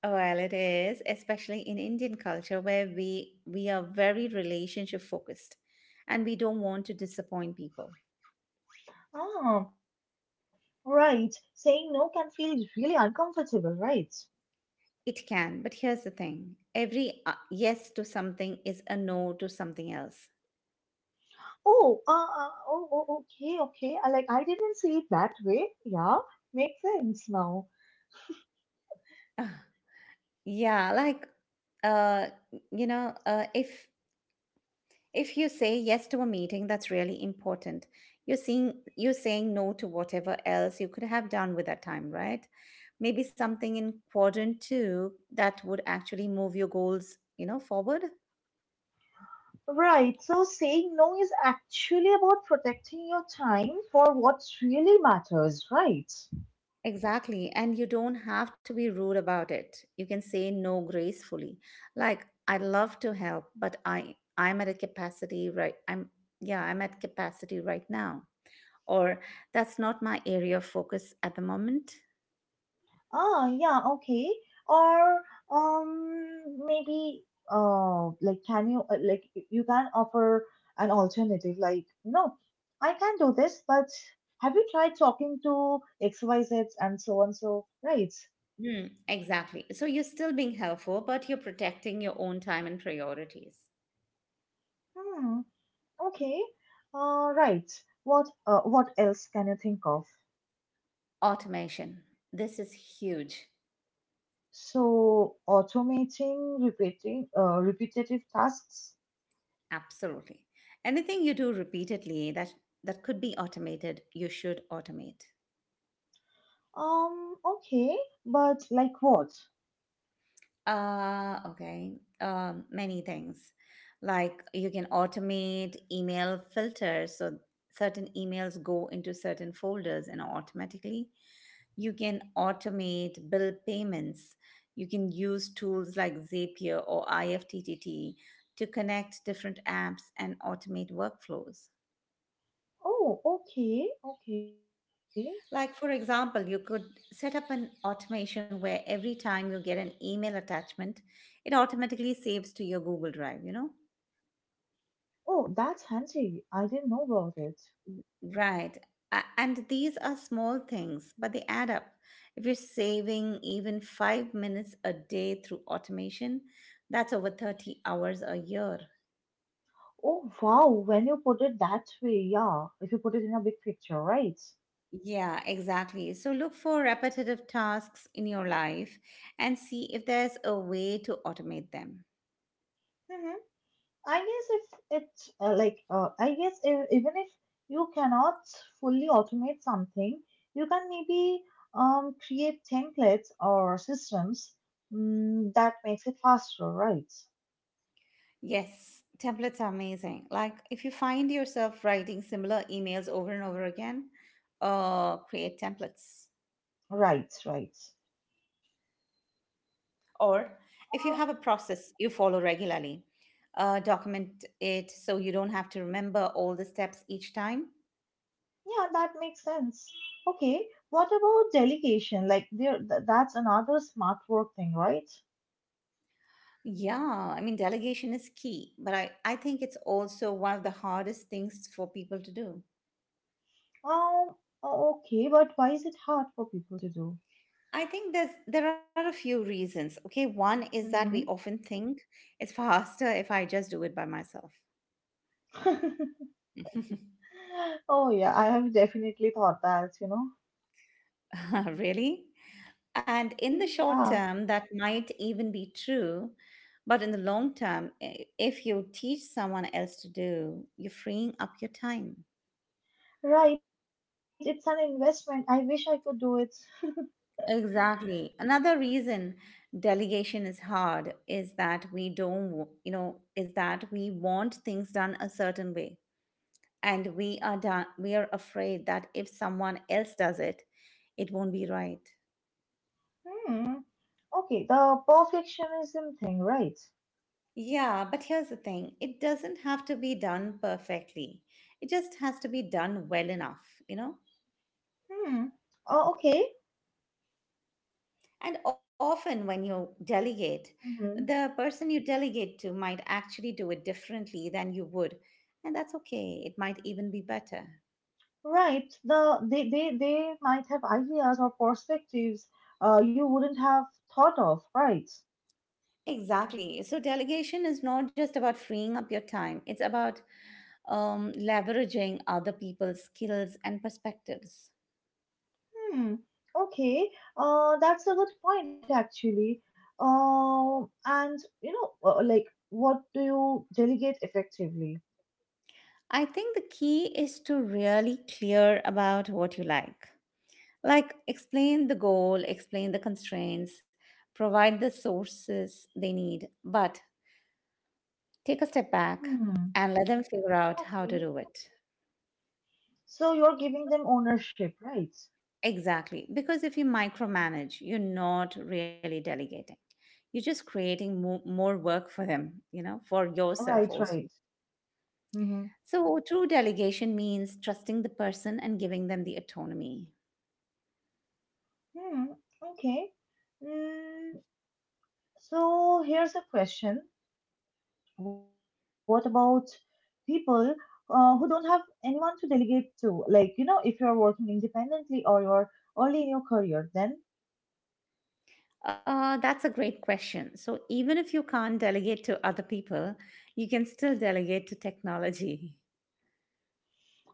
B: Well, it is, especially in Indian culture where we are very relationship focused and we don't want to disappoint people.
A: Ah, right. Saying no can feel really uncomfortable, right?
B: It can, but here's the thing. Every yes to something is a no to something else.
A: Oh, okay, okay. I I didn't see it that way. Yeah, makes sense now.
B: Ah, yeah, like uh you know, uh if If you say yes to a meeting that's really important, you're saying no to whatever else you could have done with that time, right? Maybe something in quadrant 2 that would actually move your goals, forward.
A: Right. So saying no is actually about protecting your time for what really matters, right?
B: Exactly. And you don't have to be rude about it. You can say no gracefully. Like, I'd love to help, but I I'm at a capacity right I'm yeah, I'm at capacity right now. Or that's not my area of focus at the moment.
A: Ah, yeah, okay. Or maybe like can you you can offer an alternative like you know I can do this, but have you tried talking to XYZ and so on so right?
B: Mm, exactly. So you're still being helpful, but you're protecting your own time and priorities.
A: Hmm. Okay. Right. What else can you think of?
B: Automation. This is huge.
A: So automating repeating repetitive tasks.
B: Absolutely. Anything you do repeatedly that could be automated, you should automate.
A: Okay, but like what?
B: Uh okay. Many things. Like you can automate email filters so certain emails go into certain folders and automatically. You can automate bill payments. You can use tools like Zapier or IFTTT to connect different apps and automate workflows.
A: Oh, okay, okay.
B: Like, for example, you could set up an automation where every time you get an email attachment, it automatically saves to your Google Drive,
A: Oh, that's handy. I didn't know about it.
B: Right. A- And these are small things, but they add up. If you're saving even 5 minutes a day through automation, that's over 30 hours a year.
A: Oh, wow, when you put it that way, yeah, if you put it in a big picture, right?
B: Yeah, exactly. So look for repetitive tasks in your life and see if there's a way to automate them.
A: Mm-hmm. I guess if it I guess if, even if you cannot fully automate something, you can maybe create templates or systems mm, that makes it faster, right?
B: Yes, templates are amazing. Like if you find yourself writing similar emails over and over again, create templates.
A: Right, right.
B: Or if you have a process you follow regularly, document it so you don't have to remember all the steps each time.
A: Yeah, that makes sense. Okay, what about delegation? Like that's another smart work thing, right?
B: Yeah, I mean, delegation is key, but I think it's also one of the hardest things for people to do.
A: Um, okay, but why is it hard for people to do?
B: I think there are a few reasons. Okay, one is that we
A: Hmm.
B: often think it's *laughs* faster if I just do it by myself.
A: *laughs* Oh yeah, I have definitely thought that, you know.
B: *laughs* Really? And
A: *laughs*
B: in the short
A: Yeah,
B: term, that might even be true. But in the long term, if you teach someone else to do, you're freeing up your time.
A: right. It's an investment. I wish I could do it.
B: Exactly. Another reason delegation is hard is that we don't, w- you know, is that we want things done a certain way. And we are afraid that if someone else does it, it won't be right.
A: Hmm. Okay, the perfectionism thing, right?
B: Yeah, but here's the thing, it doesn't have to be done perfectly, it just has to be done well enough.
A: Hmm. Oh, okay.
B: And often when you delegate,
A: Hmm.
B: the person you delegate to might actually do it differently than you would, and that's okay. It might even be better.
A: Right. They might have ideas or perspectives you wouldn't have thought of, right?
B: Exactly. So, delegation is not just about freeing up your time, it's about leveraging other people's skills and perspectives.
A: Hmm. Okay. That's a good point actually. And you know, what do you delegate effectively?
B: I think the key is to really clear about what you like. Like, explain the goal, explain the constraints, provide the sources they need, but take a step back
A: Hmm.
B: and let them figure out how to
A: Okay.
B: do it.
A: So you're giving them ownership, right?
B: Exactly. Because if you micromanage, you're not really delegating. You're just creating more work for them, you know, for yourself
A: Right,
B: also.
A: right. Mm-hmm.
B: So, true delegation means trusting the person and giving them the autonomy.
A: Hmm, okay. Mm, so here's a question. What about people who don't have anyone to delegate to? Like, you know, if you're working independently or you're early in your career, then
B: That's a great question. So, even if you can't delegate to other people, you can still delegate to technology.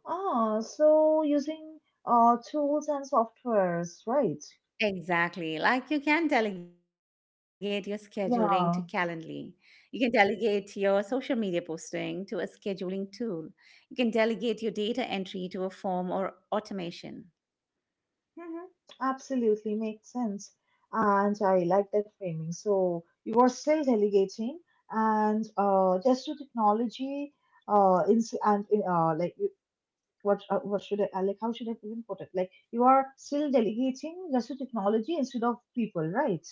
A: ah, so using tools and softwares, right?
B: Exactly. Like you can delegate your scheduling to Calendly.
A: Yeah.
B: You can delegate your social media posting to a scheduling tool. You can delegate your data entry to a form or automation.
A: Mhm. Absolutely makes sense. And I like that framing. So you are still delegating and just to technology ins and like you- what should I like how should I even put it? Like you are still delegating just to technology instead of people, right?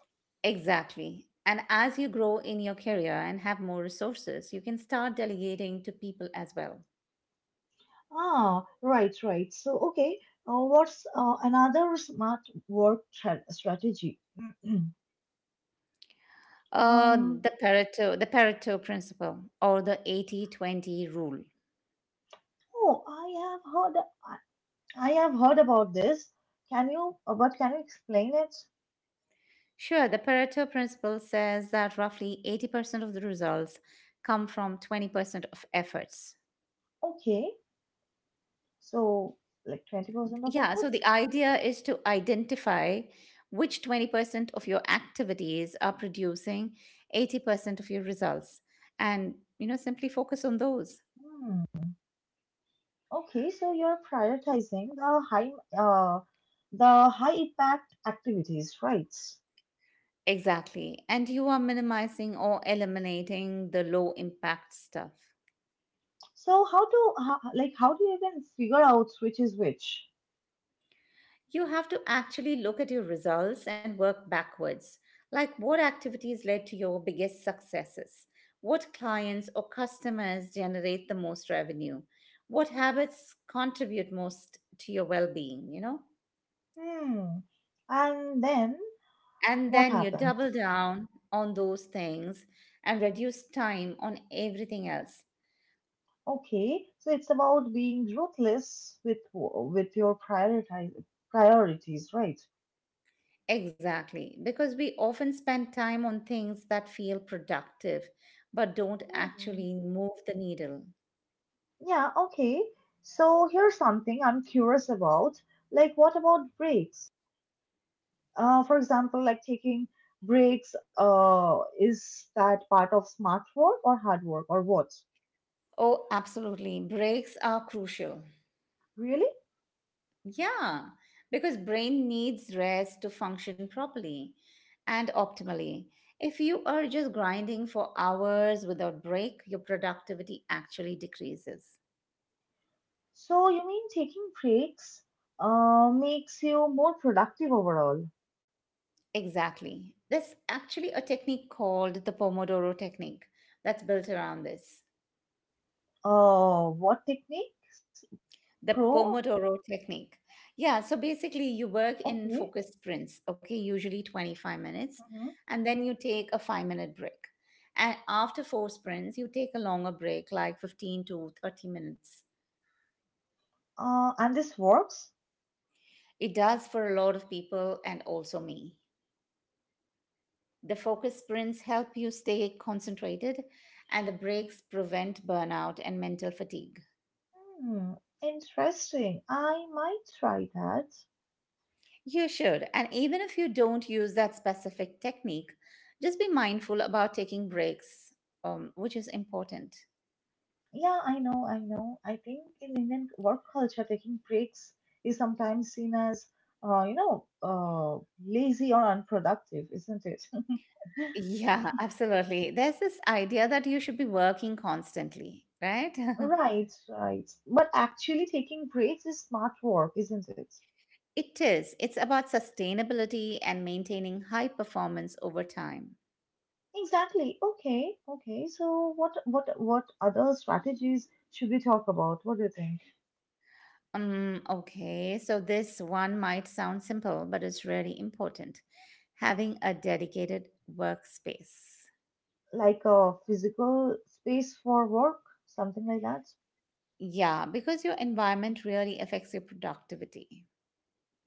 B: Exactly. And as you grow in your career and have more resources, you can start delegating to people as well.
A: Ah, right, right. So okay, what's another smart work strategy? *clears throat*
B: Uh,
A: Um,
B: the Pareto, the Pareto principle or the 80-20 rule.
A: oh, I have heard, I have heard about this. Can you, but can you explain it?
B: Sure, the Pareto principle says that roughly 80% of the results come from 20% of efforts.
A: Okay, so like 20% of
B: Yeah, so
A: efforts?
B: the idea is to identify which 20% of your activities are producing 80% of your results, and you know simply focus on those.
A: Hmm. Okay, so you're prioritizing the high, uh, the high impact activities, right?
B: Exactly. And you are minimizing or eliminating the low impact stuff.
A: So how do you even figure out which is which?
B: You have to actually look at your results and work backwards. Like, what activities led to your biggest successes? What clients or customers generate the most revenue? What habits contribute most to your well being, you know?
A: Hmm. And then
B: And
A: what
B: then you
A: happens?
B: double down on those things and reduce time on everything else.
A: Okay, so it's about being ruthless with your prioritize priorities, right?
B: Exactly, because we often spend time on things that feel productive but don't
A: Hmm.
B: actually move the needle.
A: Yeah, okay. So here's something I'm curious about. Like, what about breaks? For example, like taking breaks, is that part of smart work or hard work or what?
B: Oh, absolutely. Breaks are crucial.
A: Really?
B: Yeah, because brain needs rest to function properly and optimally. If you are just grinding for hours without break, your productivity actually decreases.
A: So you mean taking breaks, makes you more productive overall?
B: Exactly. There's actually a technique called the Pomodoro technique that's built around this.
A: What techniques? Pro?
B: The Pomodoro technique. Yeah, so basically you work
A: Okay.
B: in focused sprints, okay, usually 25 minutes, and then you take a 5-minute break. And after four sprints, you take a longer break like 15 to 30 minutes.
A: And this works?
B: It does for a lot of people and also me. The focus sprints help you stay concentrated, and the breaks prevent burnout and mental fatigue.
A: Hmm, interesting. I might try that.
B: You should. And even if you don't use that specific technique, just be mindful about taking breaks, which is important.
A: Yeah, I know, I know. I think in Indian work culture, taking breaks is sometimes seen as, uh, you know, uh, lazy or unproductive, isn't it? *laughs*
B: Yeah, *laughs* absolutely. There's this idea that you should be working constantly, right?
A: Right, right. But actually, taking breaks is smart work, isn't it?
B: *laughs* It is. It's about sustainability and maintaining high performance over time.
A: Exactly. Okay, okay. So, what other strategies should we talk about? What do you think?
B: Okay, so this one might sound simple, but it's really important. Having a dedicated workspace.
A: Like a physical space for work, something like that.
B: Yeah, because your environment really affects your productivity.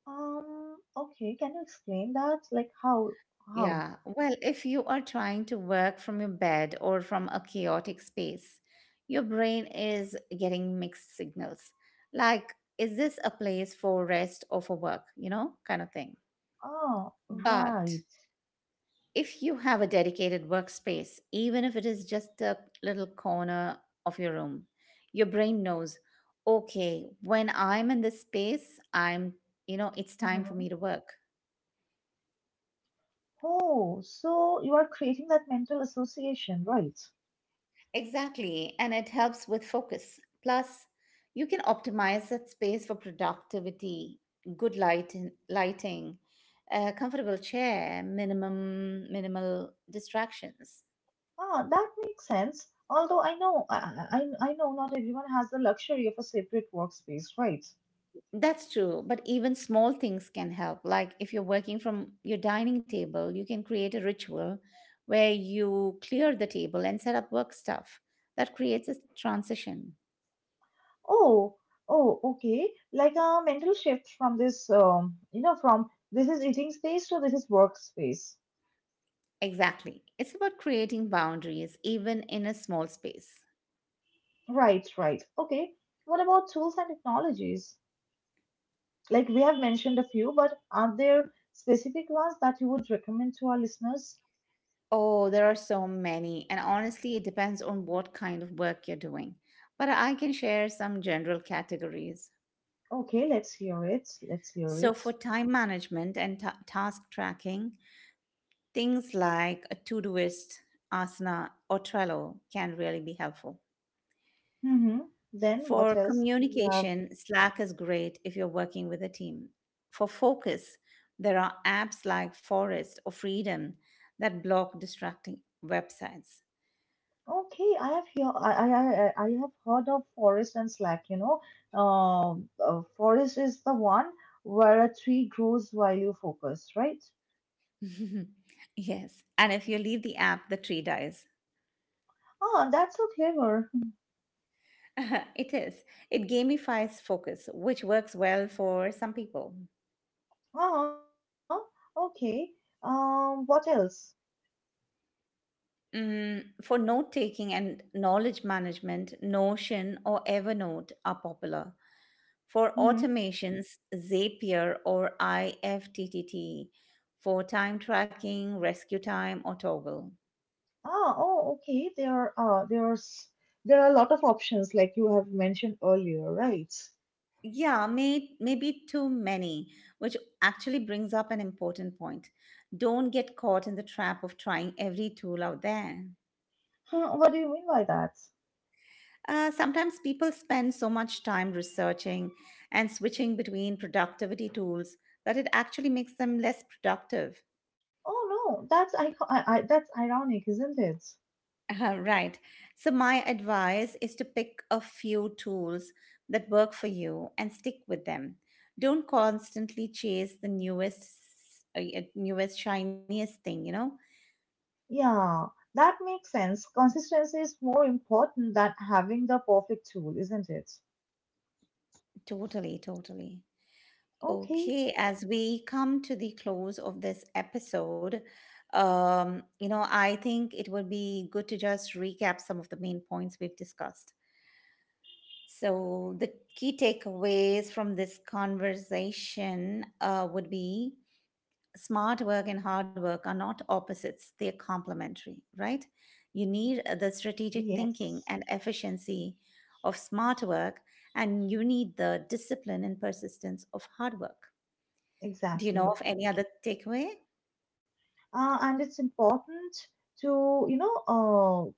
A: Okay, can you explain that? Like how how?
B: Yeah, well, if you are trying to work from your bed or from a chaotic space, your brain is getting mixed signals. Like, is this a place for rest or for work, you know, kind of thing.
A: Ah,
B: But
A: right.
B: if you have a dedicated workspace, even if it is just a little corner of your room, your brain knows, okay, when I'm in this space, you know,
A: Mm-hmm.
B: it's time for me to work.
A: Oh, so you are creating that mental association, right?
B: Exactly, and it helps with focus. Plus, you can optimize that space for productivity, good lighting, a comfortable chair, minimum minimal distractions.
A: Ah, that makes sense. Although I know I know not everyone has the luxury of a separate workspace, right?
B: That's true, but even small things can help. Like if you're working from your dining table, you can create a ritual where you clear the table and set up work stuff. That creates a transition.
A: Oh, oh, okay. Like a mental shift from this from this is eating space to this is workspace.
B: Exactly. It's about creating boundaries even in a small space.
A: Right, right. Okay. What about tools and technologies? Like we have mentioned a few, but are there specific ones that you would recommend to our listeners?
B: Oh, there are so many, and honestly, it depends on what kind of work you're doing. But I can share some general categories.
A: Okay, let's hear it. Let's hear
B: So,
A: it.
B: for time management and task tracking, things like a Todoist, Asana, or Trello can really be helpful.
A: Mm-hmm. Then what
B: For
A: else do we have?
B: communication, Slack is great if you're working with a team. For focus, there are apps like Forest or Freedom that block distracting websites.
A: Okay, I have here. I have heard of forest and slack. You know, forest is the one where a tree grows while you focus, right?
B: *laughs* Yes, and if you leave the app, the tree dies.
A: Ah, that's so clever. *laughs*
B: *laughs* It is. It gamifies focus, which works well for some people.
A: Ah, okay. What else?
B: For note taking and knowledge management, Notion or Evernote are popular. For
A: Mm-hmm.
B: automations, Zapier or IFTTT. For time tracking, Rescue Time, or Toggle.
A: Ah, oh, okay. There are there are a lot of options like you have mentioned earlier, right?
B: Yeah, maybe too many, which actually brings up an important point. Don't get caught in the trap of trying every tool out there.
A: Huh, what do you mean by that?
B: Sometimes people spend so much time researching and switching between productivity tools that it actually makes them less productive. *laughs*
A: Oh no, that's I that's ironic, isn't it?
B: Right. So, my advice is to pick a few tools that work for you and stick with them. Don't constantly chase the newest, shiniest thing, you know?
A: Yeah, that makes sense. Consistency is more important than having the perfect tool, isn't it?
B: Totally, totally.
A: Okay.
B: Okay, as we come to the close of this episode, you know, I think it would be good to just recap some of the main points we've discussed. So, the key takeaways from this conversation would be smart work and hard work are not opposites, they're complementary, right? You need the strategic thinking
A: Yes,
B: and efficiency of smart work, and you need the discipline and persistence of hard work. Do you know
A: exactly.
B: of any other takeaway?
A: And it's important to, you know,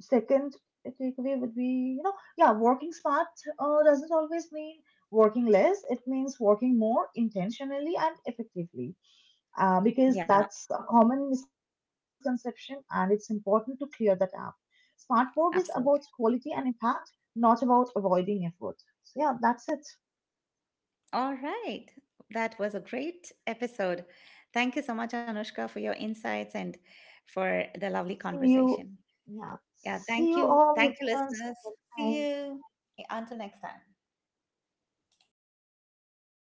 A: second takeaway would be you know yeah working smart doesn't always mean working less. It means working more intentionally and effectively, because
B: Yeah,
A: that's a common misconception and it's important to clear that up. Smart work is about
B: absolutely.
A: quality and impact, not about avoiding effort, so yeah that's it.
B: All right. That was a great episode. Thank you so much, Anushka, for your insights and for the lovely
A: See you.
B: conversation.
A: Yeah,
B: Yeah,
A: see
B: thank
A: you
B: you.
A: all
B: Thank you,
A: listeners
B: listeners.
A: next
B: See
A: time.
B: you until next time.